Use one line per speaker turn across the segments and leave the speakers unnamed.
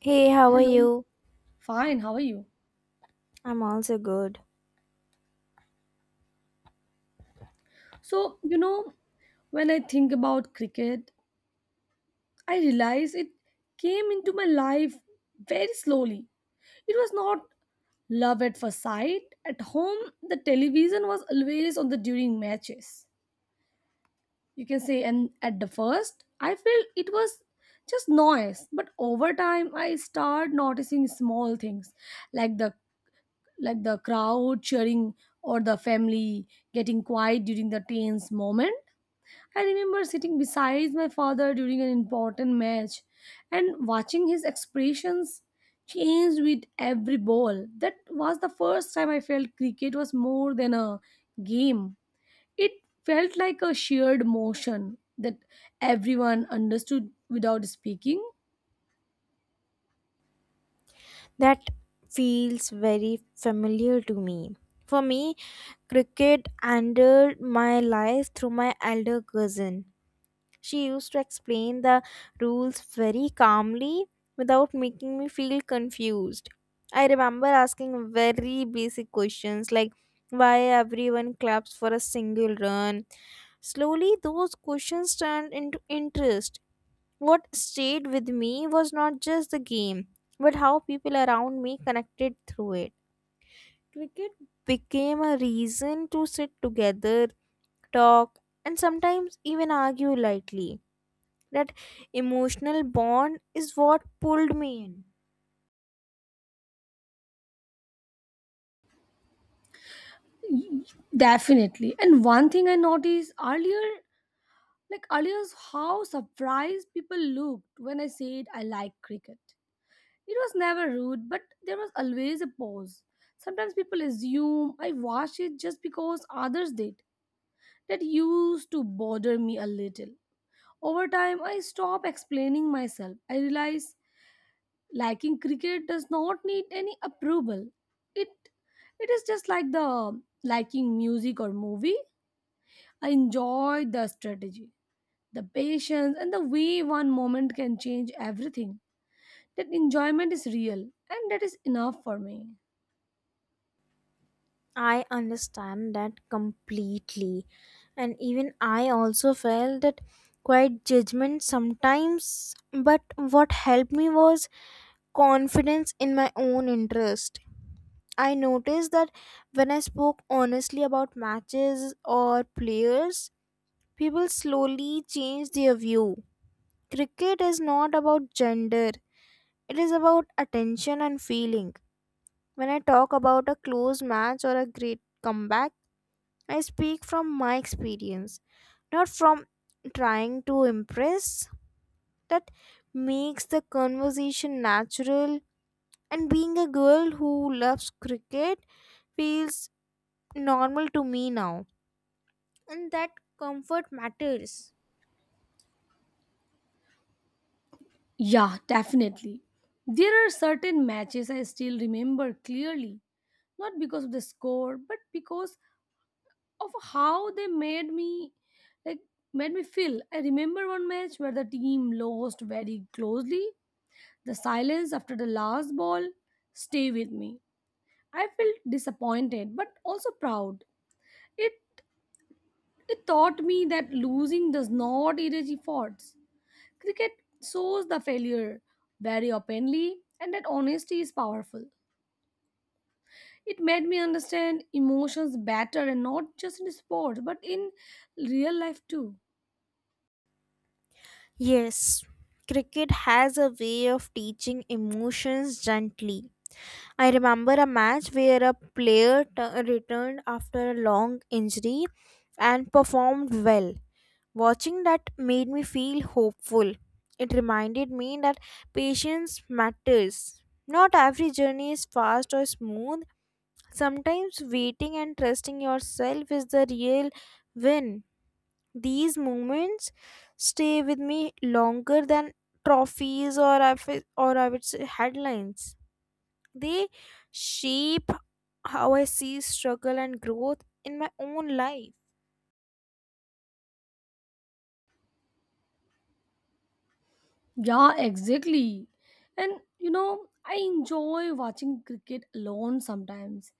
Hey, how are
Hello.
you?
Fine, how are you?
I'm also good.
So, when I think about cricket, I realize it came into my life very slowly. It was not love at first sight. At home, the television was always on the during matches. You can say, and at the first, I felt it was just noise. But over time, I start noticing small things like the like the crowd cheering or the family getting quiet during the tense moment. I remember sitting beside my father during an important match and watching his expressions change with every ball. That was the first time I felt cricket was more than a game. It felt like a shared emotion that everyone understood without speaking.
That feels very familiar to me. For me, cricket entered my life through my elder cousin. She used to explain the rules very calmly without making me feel confused. I remember asking very basic questions like why everyone claps for a single run. Slowly, those questions turned into interest. What stayed with me was not just the game, but how people around me connected through it. Cricket became a reason to sit together, talk, and sometimes even argue lightly. That emotional bond is what pulled me in.
Definitely. And one thing I noticed earlier like Alias, how surprised people looked when I said I like cricket. It was never rude, but there was always a pause. Sometimes people assume I watch it just because others did. That used to bother me a little. Over time, I stopped explaining myself. I realized liking cricket does not need any approval. It it is just like the liking music or movie. I enjoy the strategy the patience and the way one moment can change everything. That enjoyment is real and that is enough for me.
I understand that completely. And even I also felt that quite judgment sometimes, but what helped me was confidence in my own interest. I noticed that when I spoke honestly about matches or players, people slowly changed their view. Cricket is not about gender, it is about attention and feeling. When I talk about a close match or a great comeback, I speak from my experience, not from trying to impress. That makes the conversation natural, and being a girl who loves cricket feels normal to me now, and that comfort matters.
Yeah, definitely. There are certain matches I still remember clearly, not because of the score, but because of how they made me like made me feel. I remember one match where the team lost very closely. The silence after the last ball stay with me. I felt disappointed but also proud. It It taught me that losing does not erase efforts. Cricket shows the failure very openly, and that honesty is powerful. It made me understand emotions better and not just in sports but in real life too.
Yes, cricket has a way of teaching emotions gently. I remember a match where a player returned after a long injury and performed well. Watching that made me feel hopeful. It reminded me that patience matters. Not every journey is fast or smooth. Sometimes waiting and trusting yourself is the real win. These moments stay with me longer than trophies or I would say headlines. They shape how I see struggle and growth in my own life.
Yeah, exactly. And you know, I enjoy watching cricket alone sometimes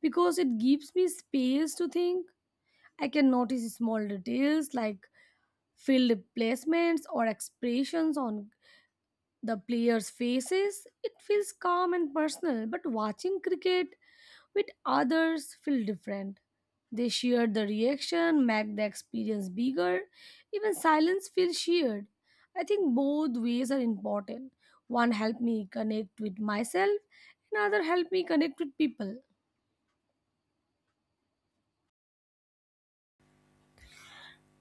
because it gives me space to think. I can notice small details like field placements or expressions on the players' faces. It feels calm and personal, but watching cricket with others feel different. They share the reaction, make the experience bigger, even silence feels shared. I think both ways are important. One helped me connect with myself, another helped me connect with people.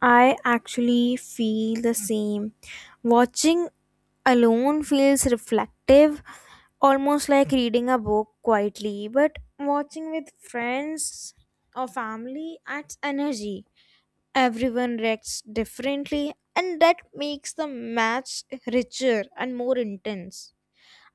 I actually feel the same. Watching alone feels reflective, almost like reading a book quietly, but watching with friends or family adds energy. Everyone reacts differently, and that makes the match richer and more intense.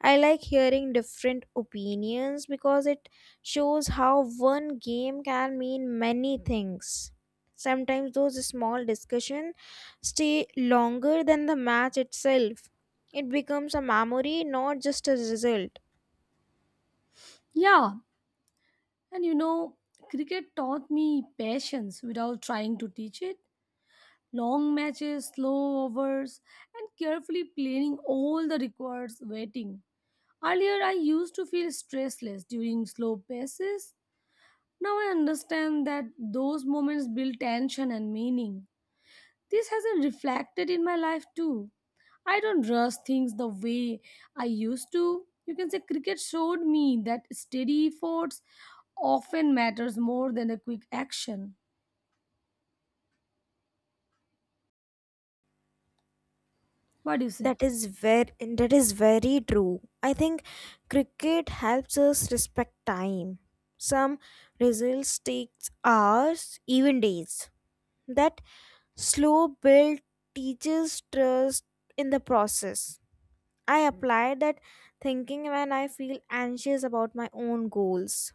I like hearing different opinions because it shows how one game can mean many things. Sometimes those small discussions stay longer than the match itself. It becomes a memory, not just a result.
Yeah, and you know, cricket taught me patience without trying to teach it long matches, slow overs, and carefully planning all the required waiting. Earlier, I used to feel stressless during slow paces. Now I understand that those moments build tension and meaning. This hasn't reflected in my life too. I don't rush things the way I used to. You can say cricket showed me that steady efforts often matters more than a quick action. What do you say?
That is very true. I think cricket helps us respect time. Some results takes hours, even days. That slow build teaches trust in the process. I apply that thinking when I feel anxious about my own goals,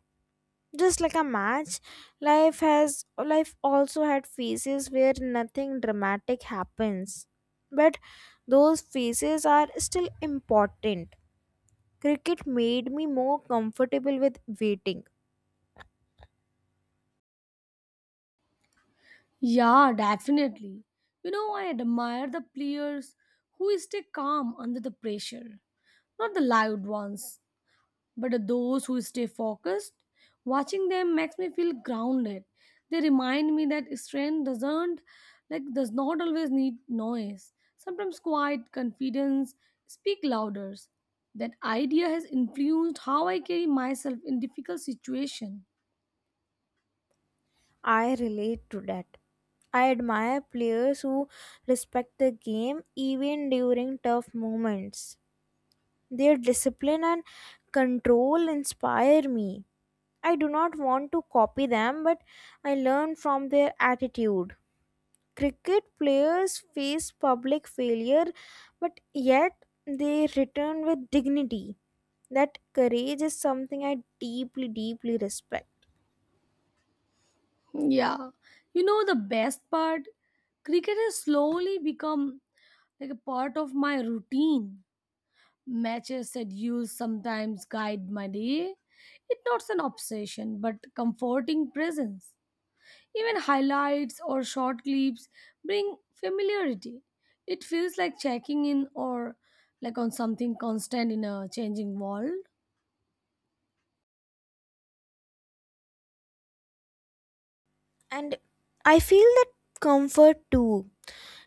just like a match. Life also had phases where nothing dramatic happens, but those phases are still important. Cricket made me more comfortable with waiting.
Yeah, definitely. You know, I admire the players who stay calm under the pressure. Not the loud ones, but those who stay focused. Watching them makes me feel grounded. They remind me that strength does not always need noise. Sometimes quiet confidence speak louder. That idea has influenced how I carry myself in difficult situations.
I relate to that. I admire players who respect the game even during tough moments. Their discipline and control inspire me. I do not want to copy them, but I learn from their attitude. Cricket players face public failure, but yet they return with dignity. That courage is something I deeply, deeply respect.
Yeah, you know the best part? Cricket has slowly become like a part of my routine. Matches schedules sometimes guide my day. It's not an obsession, but comforting presence. Even highlights or short clips bring familiarity. It feels like checking in or like on something constant in a changing world.
And I feel that comfort too.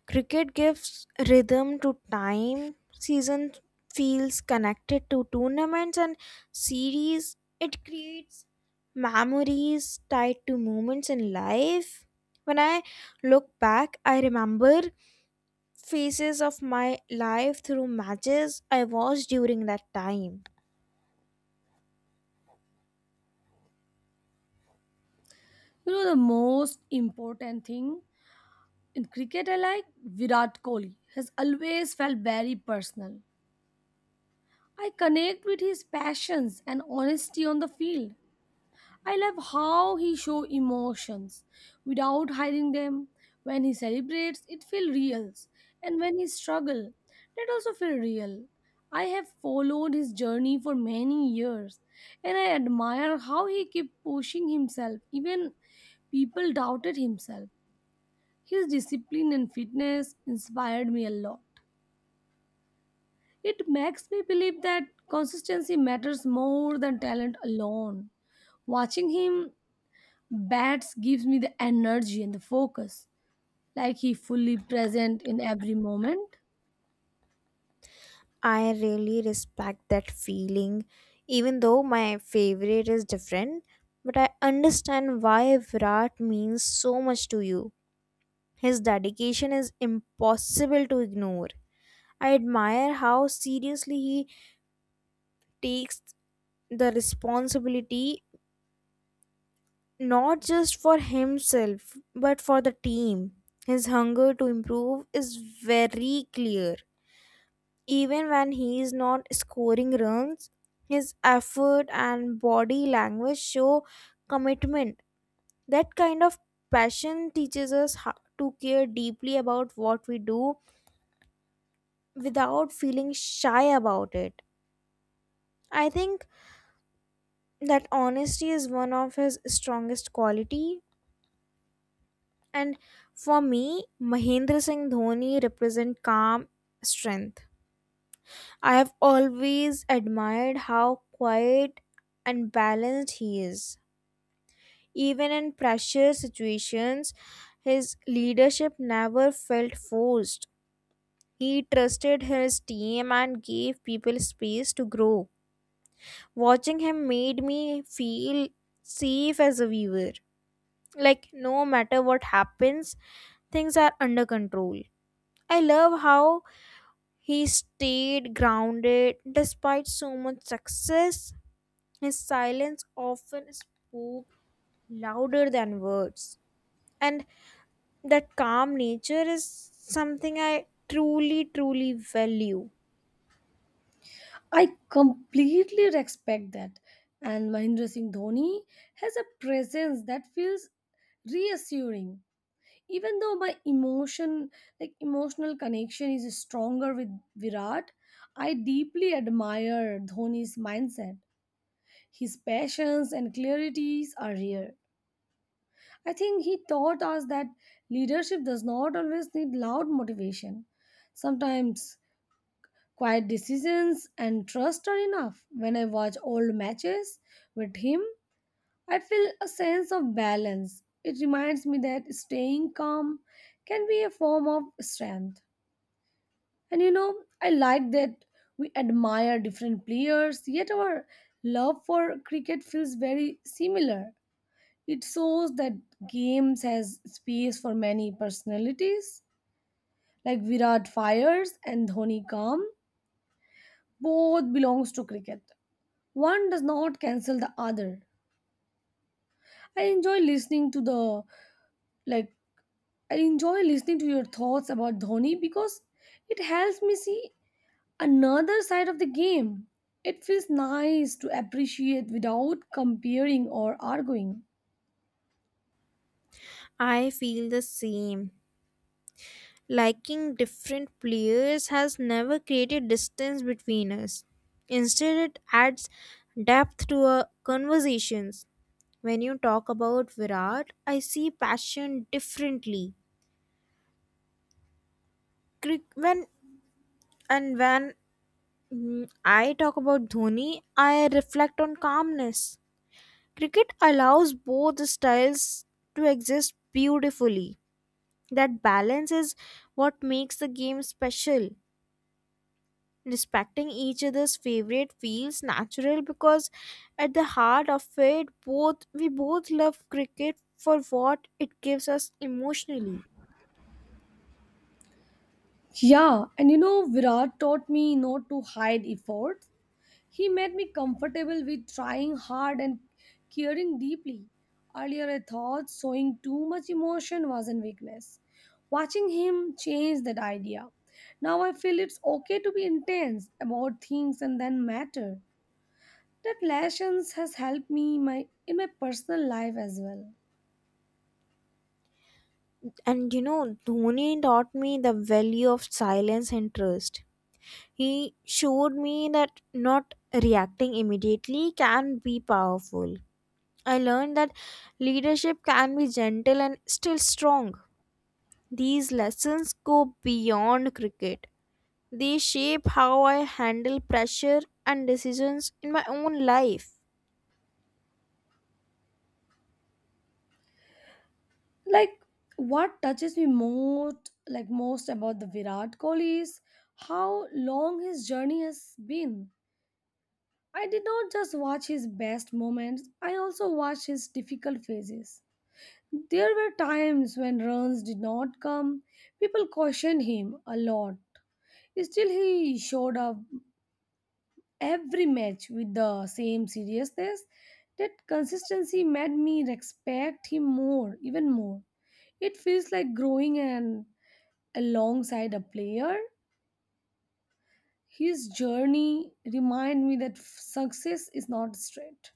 Cricket gives rhythm to time, season feels connected to tournaments and series. It creates memories tied to moments in life. When I look back, I remember phases of my life through matches I watched during that time.
You know, the most important thing in cricket, I like Virat Kohli has always felt very personal. I connect with his passions and honesty on the field. I love how he shows emotions without hiding them. When he celebrates, it feels real, and when he struggles, that also feels real. I have followed his journey for many years, and I admire how he kept pushing himself even people doubted himself. His discipline and fitness inspired me a lot. It makes me believe that consistency matters more than talent alone. Watching him bats gives me the energy and the focus, like he fully present in every moment.
I really respect that feeling, even though my favorite is different. But I understand why Virat means so much to you. His dedication is impossible to ignore. I admire how seriously he takes the responsibility, not just for himself but for the team. His hunger to improve is very clear. Even when he is not scoring runs, his effort and body language show commitment. That kind of passion teaches us how to care deeply about what we do without feeling shy about it. I think that honesty is one of his strongest quality, and for me Mahendra Singh Dhoni represent calm strength. I have always admired how quiet and balanced he is. Even in pressure situations, his leadership never felt forced. He trusted his team and gave people space to grow. Watching him made me feel safe as a viewer. Like, no matter what happens, things are under control. I love how he stayed grounded despite so much success. His silence often spoke louder than words, and that calm nature is something I truly, truly value.
I completely respect that. And Mahindra Singh Dhoni has a presence that feels reassuring. Even though my emotional connection is stronger with Virat, I deeply admire Dhoni's mindset. His passions and clarities are rare. I think he taught us that leadership does not always need loud motivation. Sometimes quiet decisions and trust are enough. When I watch old matches with him, I feel a sense of balance. It reminds me that staying calm can be a form of strength. And you know, I like that we admire different players, yet our love for cricket feels very similar. It shows that games has space for many personalities, like Virat fires and Dhoni calm. Both belongs to cricket. One does not cancel the other. I enjoy listening to the like I enjoy listening to your thoughts about Dhoni because it helps me see another side of the game. It feels nice to appreciate without comparing or arguing.
I feel the same. Liking different players has never created distance between us. Instead, it adds depth to our conversations. When you talk about Virat, I see passion differently. Cric- When when I talk about Dhoni, I reflect on calmness. Cricket allows both styles to exist beautifully. That balance is what makes the game special. Respecting each other's favorite feels natural because at the heart of it both we both love cricket for what it gives us emotionally.
Yeah, and you know, Virat taught me not to hide efforts. He made me comfortable with trying hard and caring deeply. Earlier, I thought showing too much emotion was a weakness. Watching him changed that idea. Now I feel it's okay to be intense about things and then matter. That lessons has helped me my in my personal life as well.
And you know, Dhoni taught me the value of silence and trust. He showed me that not reacting immediately can be powerful. I learned that leadership can be gentle and still strong. These lessons go beyond cricket. They shape how I handle pressure and decisions in my own life.
Like what touches me most about the Virat Kohli is how long his journey has been. I did not just watch his best moments, I also watched his difficult phases. There were times when runs did not come. People cautioned him a lot. Still, he showed up every match with the same seriousness. That consistency made me respect him more, even more. It feels like growing and alongside a player. His journey remind me that success is not straight.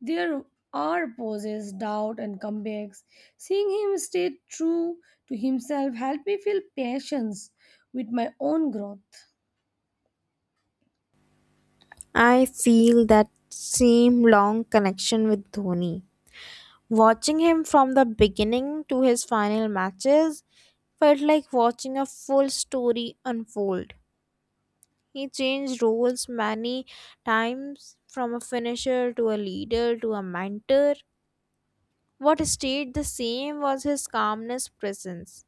There are pauses, doubt, and comebacks. Seeing him stay true to himself helped me feel patience with my own growth.
I feel that same long connection with Dhoni. Watching him from the beginning to his final matches felt like watching a full story unfold. He changed roles many times, from a finisher to a leader to a mentor. What stayed the same was his calmness presence.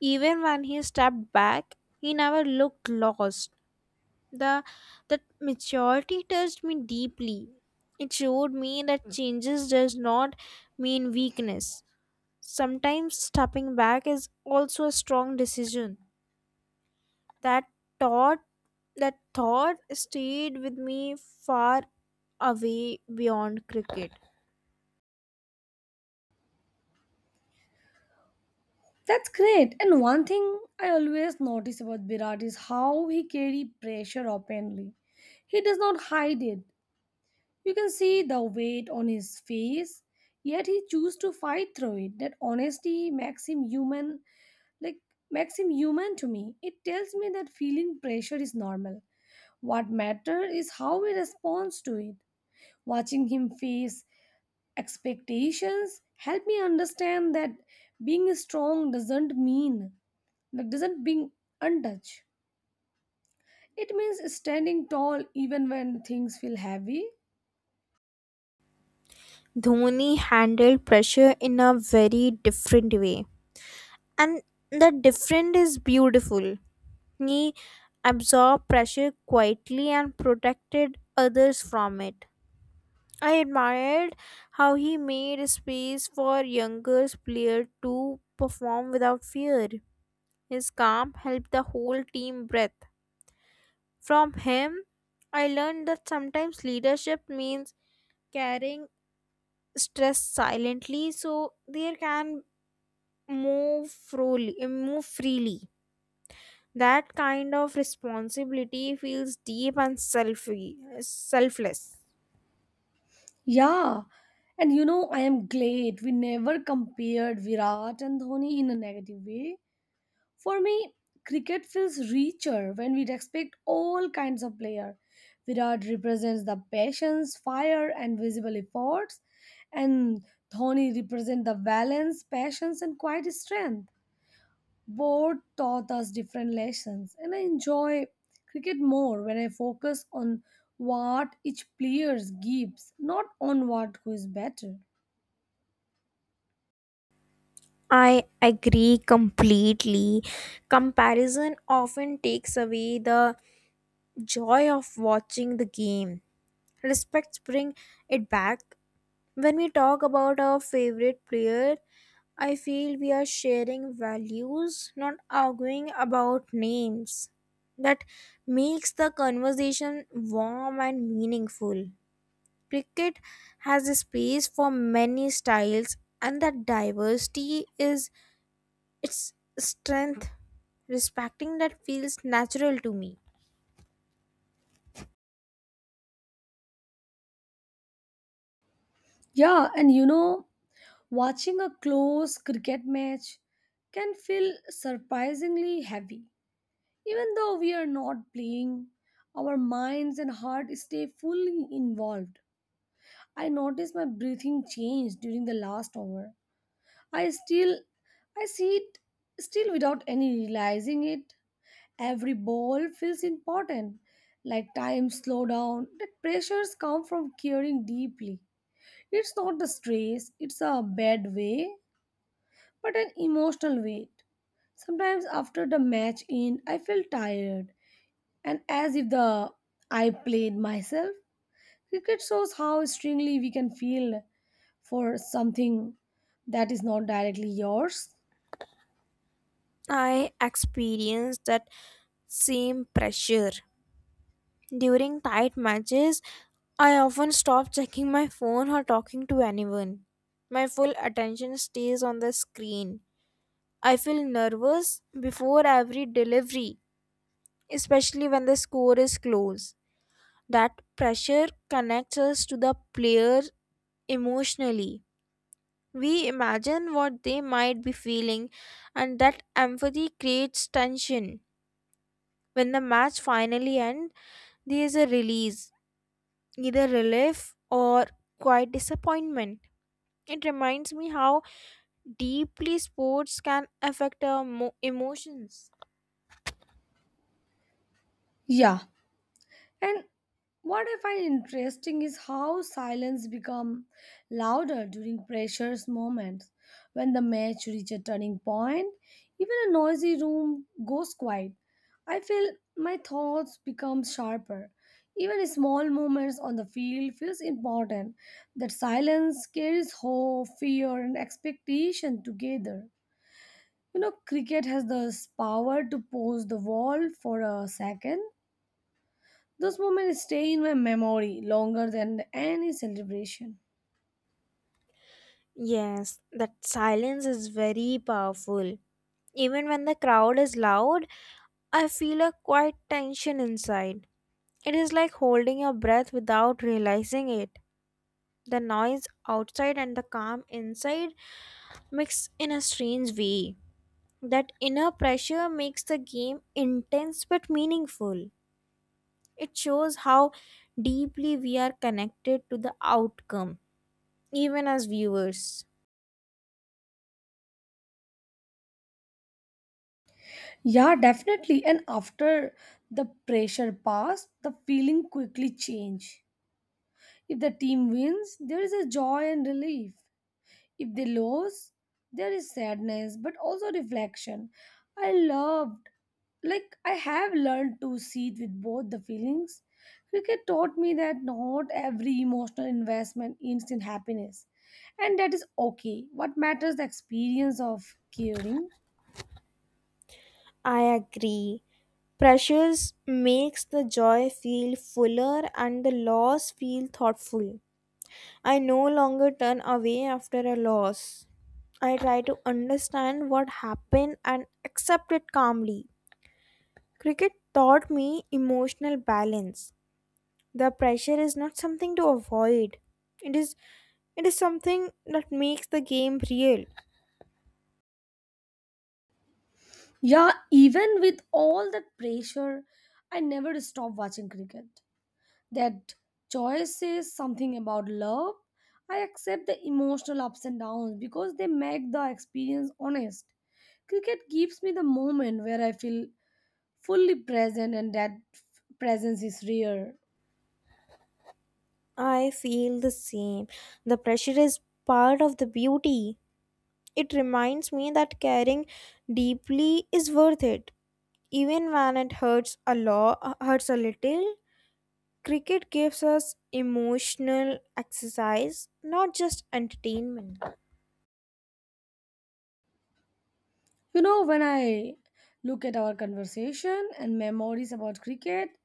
Even when he stepped back, he never looked lost. The that maturity touched me deeply. It showed me that changes does not mean weakness. Sometimes stepping back is also a strong decision. That thought that thought stayed with me far away beyond cricket.
That's great. And one thing I always notice about Virat is how he carries pressure openly. He does not hide it. You can see the weight on his face, yet he chooses to fight through it. That honesty like makes him human to me. It tells me that feeling pressure is normal. What matters is how he responds to it. Watching him face expectations help me understand that being strong doesn't mean like doesn't being untouched. It means standing tall even when things feel heavy.
Dhoni handled pressure in a very different way, and the different is beautiful. He absorbed pressure quietly and protected others from it. I admired how he made space for younger players to perform without fear. His calm helped the whole team breathe. From him I learned that sometimes leadership means carrying stress silently, so there can move freely. That kind of responsibility feels deep and selfless.
Yeah, and you know I am glad we never compared Virat and Dhoni in a negative way. For me, cricket feels richer when we respect all kinds of players. Virat represents the patience, fire, and visible efforts, and Dhoni represents the balance, patience, and quiet strength. Both taught us different lessons, and I enjoy cricket more when I focus on what each player gives, not on what who is better.
I agree completely. Comparison often takes away the joy of watching the game. Respects bring it back. When we talk about our favorite player, I feel we are sharing values, not arguing about names. That makes the conversation warm and meaningful. Cricket has a space for many styles, and that diversity is its strength. Respecting that feels natural to me.
Yeah, and you know, watching a close cricket match can feel surprisingly heavy. Even though we are not playing, our minds and heart stay fully involved. I noticed my breathing change during the last over, I still I see it still without any realizing it. Every ball feels important. Like time slow down. That pressures come from caring deeply. It's not the stress, it's a bad way, but an emotional weight. Sometimes after the match end, I feel tired and as if the I played myself. Cricket shows how strongly we can feel for something that is not directly yours.
I experience that same pressure. During tight matches, I often stop checking my phone or talking to anyone. My full attention stays on the screen. I feel nervous before every delivery, especially when the score is close. That pressure connects us to the player emotionally. We imagine what they might be feeling, and that empathy creates tension. When the match finally ends, there is a release, either relief or quiet disappointment. It reminds me how deeply sports can affect our emotions.
Yeah, and what I find interesting is how silence become louder during pressures moments. When the match reach a turning point, even a noisy room goes quiet. I feel my thoughts become sharper. Even small moments on the field feels important. That silence carries hope, fear, and expectation together. You know, cricket has this power to pause the wall for a second. Those moments stay in my memory longer than any celebration.
Yes, that silence is very powerful. Even when the crowd is loud, I feel a quiet tension inside. It is like holding your breath without realizing it. The noise outside and the calm inside mix in a strange way. That inner pressure makes the game intense but meaningful. It shows how deeply we are connected to the outcome, even as viewers.
Yeah, definitely. And after the pressure passed, the feeling quickly changed. If the team wins, there is a joy and relief. If they lose, there is sadness, but also reflection. I loved, I have learned to see it with both the feelings. Cricket taught me that not every emotional investment ends in happiness, and that is okay. What matters is the experience of caring.
I agree. Pressures makes the joy feel fuller and the loss feel thoughtful. I no longer turn away after a loss. I try to understand what happened and accept it calmly. Cricket taught me emotional balance. The pressure is not something to avoid. It is it is something that makes the game real.
Yeah, even with all that pressure, I never stopped watching cricket. That choice says something about love. I accept the emotional ups and downs because they make the experience honest. Cricket gives me the moment where I feel fully present, and that presence is rare.
I feel the same. The pressure is part of the beauty. It reminds me that caring deeply is worth it, even when it hurts a lot, hurts a little. Cricket gives us emotional exercise, not just entertainment.
You know, when I look at our conversation and memories about cricket,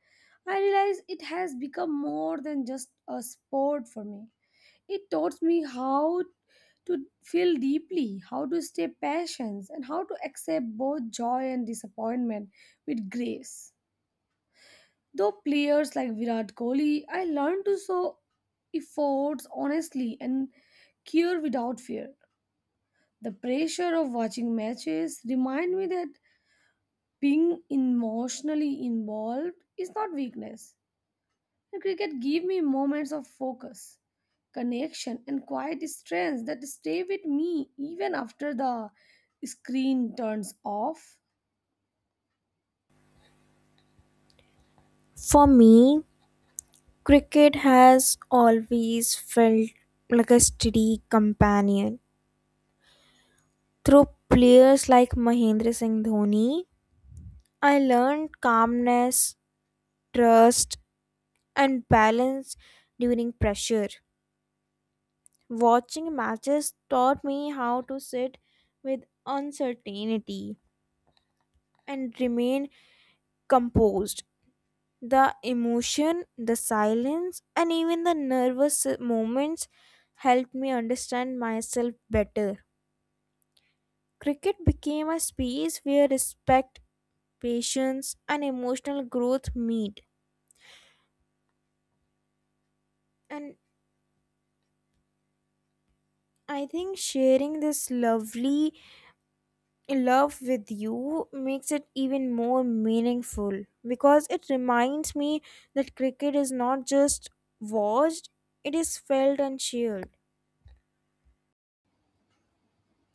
I realize it has become more than just a sport for me. It taught me how to feel deeply, how to stay patient, and how to accept both joy and disappointment with grace. Though players like Virat Kohli, I learned to show efforts honestly and care without fear. The pressure of watching matches remind me that being emotionally involved is not weakness. And cricket gave me moments of focus, connection, and quiet strength that stay with me even after the screen turns off.
For me, cricket has always felt like a steady companion. Through players like Mahendra Singh Dhoni, I learned calmness, trust, and balance during pressure. Watching matches taught me how to sit with uncertainty and remain composed. The emotion, the silence, and even the nervous moments helped me understand myself better. Cricket became a space where respect, patience, and emotional growth meet. And I think sharing this lovely love with you makes it even more meaningful, because it reminds me that cricket is not just watched, it is felt and shared.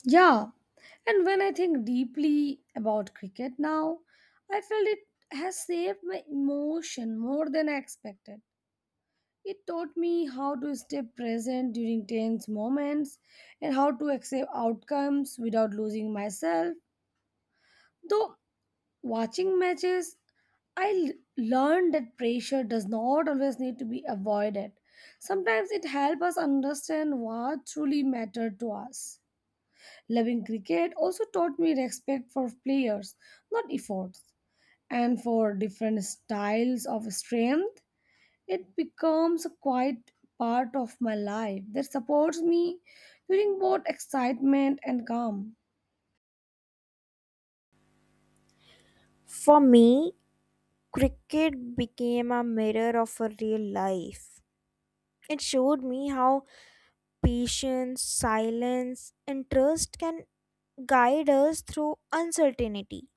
Yeah, and when I think deeply about cricket now, I felt it has saved my emotion more than I expected. It taught me how to stay present during tense moments and how to accept outcomes without losing myself. Though watching matches, I learned that pressure does not always need to be avoided. Sometimes it helps us understand what truly mattered to us. Loving cricket also taught me respect for players, not efforts, and for different styles of strength. It becomes a quiet part of my life that supports me during both excitement and calm.
For me, cricket became a mirror of a real life. It showed me how patience, silence, and trust can guide us through uncertainty.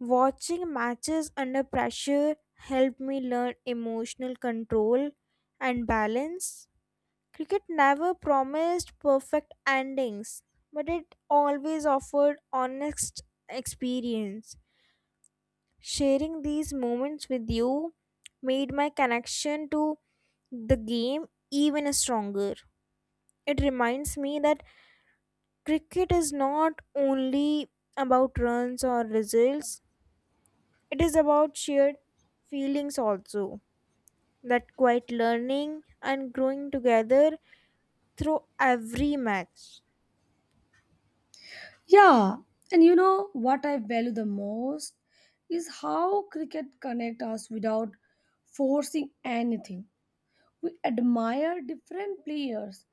Watching matches under pressure helped me learn emotional control and balance. Cricket never promised perfect endings, but it always offered honest experience. Sharing these moments with you made my connection to the game even stronger. It reminds me that cricket is not only about runs or results, it is about shared feelings also. That quiet learning and growing together through every match.
Yeah, and you know what I value the most is how cricket connect us without forcing anything. We admire different players,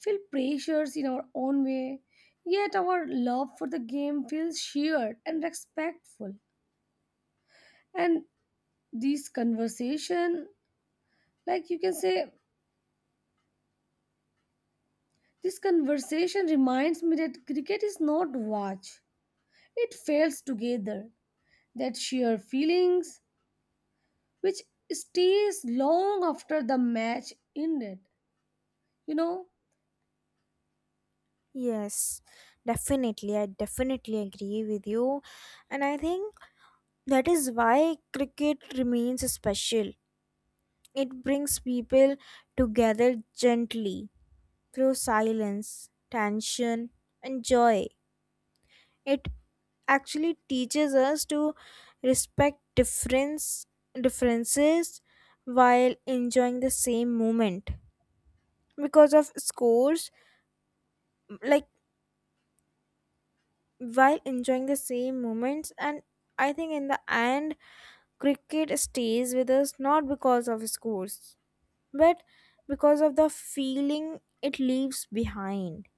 feel pressures in our own way, yet our love for the game feels shared and respectful. And this conversation, like you can say, this conversation reminds me that cricket is not watch. It fails together. That sheer feelings which stays long after the match ended. You know,
Yes, definitely. I definitely agree with you. And I think that is why cricket remains special. It brings people together gently through silence, tension, and joy. It actually teaches us to respect differences while enjoying the same moment. Because of scores, like while enjoying the same moments, and I think in the end cricket stays with us not because of scores, but because of the feeling it leaves behind.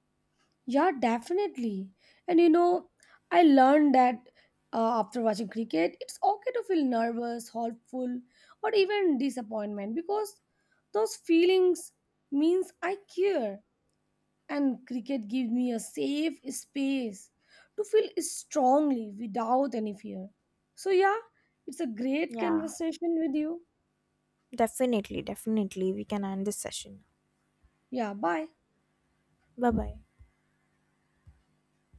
yeah, definitely. And you know, I learned that after watching cricket, it's okay to feel nervous, hopeful, or even disappointment because those feelings means I care. And cricket gives me a safe space to feel strongly without any fear. So yeah, it's a great
Yeah,
conversation with you.
definitely, definitely. We can end this session.
Yeah, bye.
Bye bye.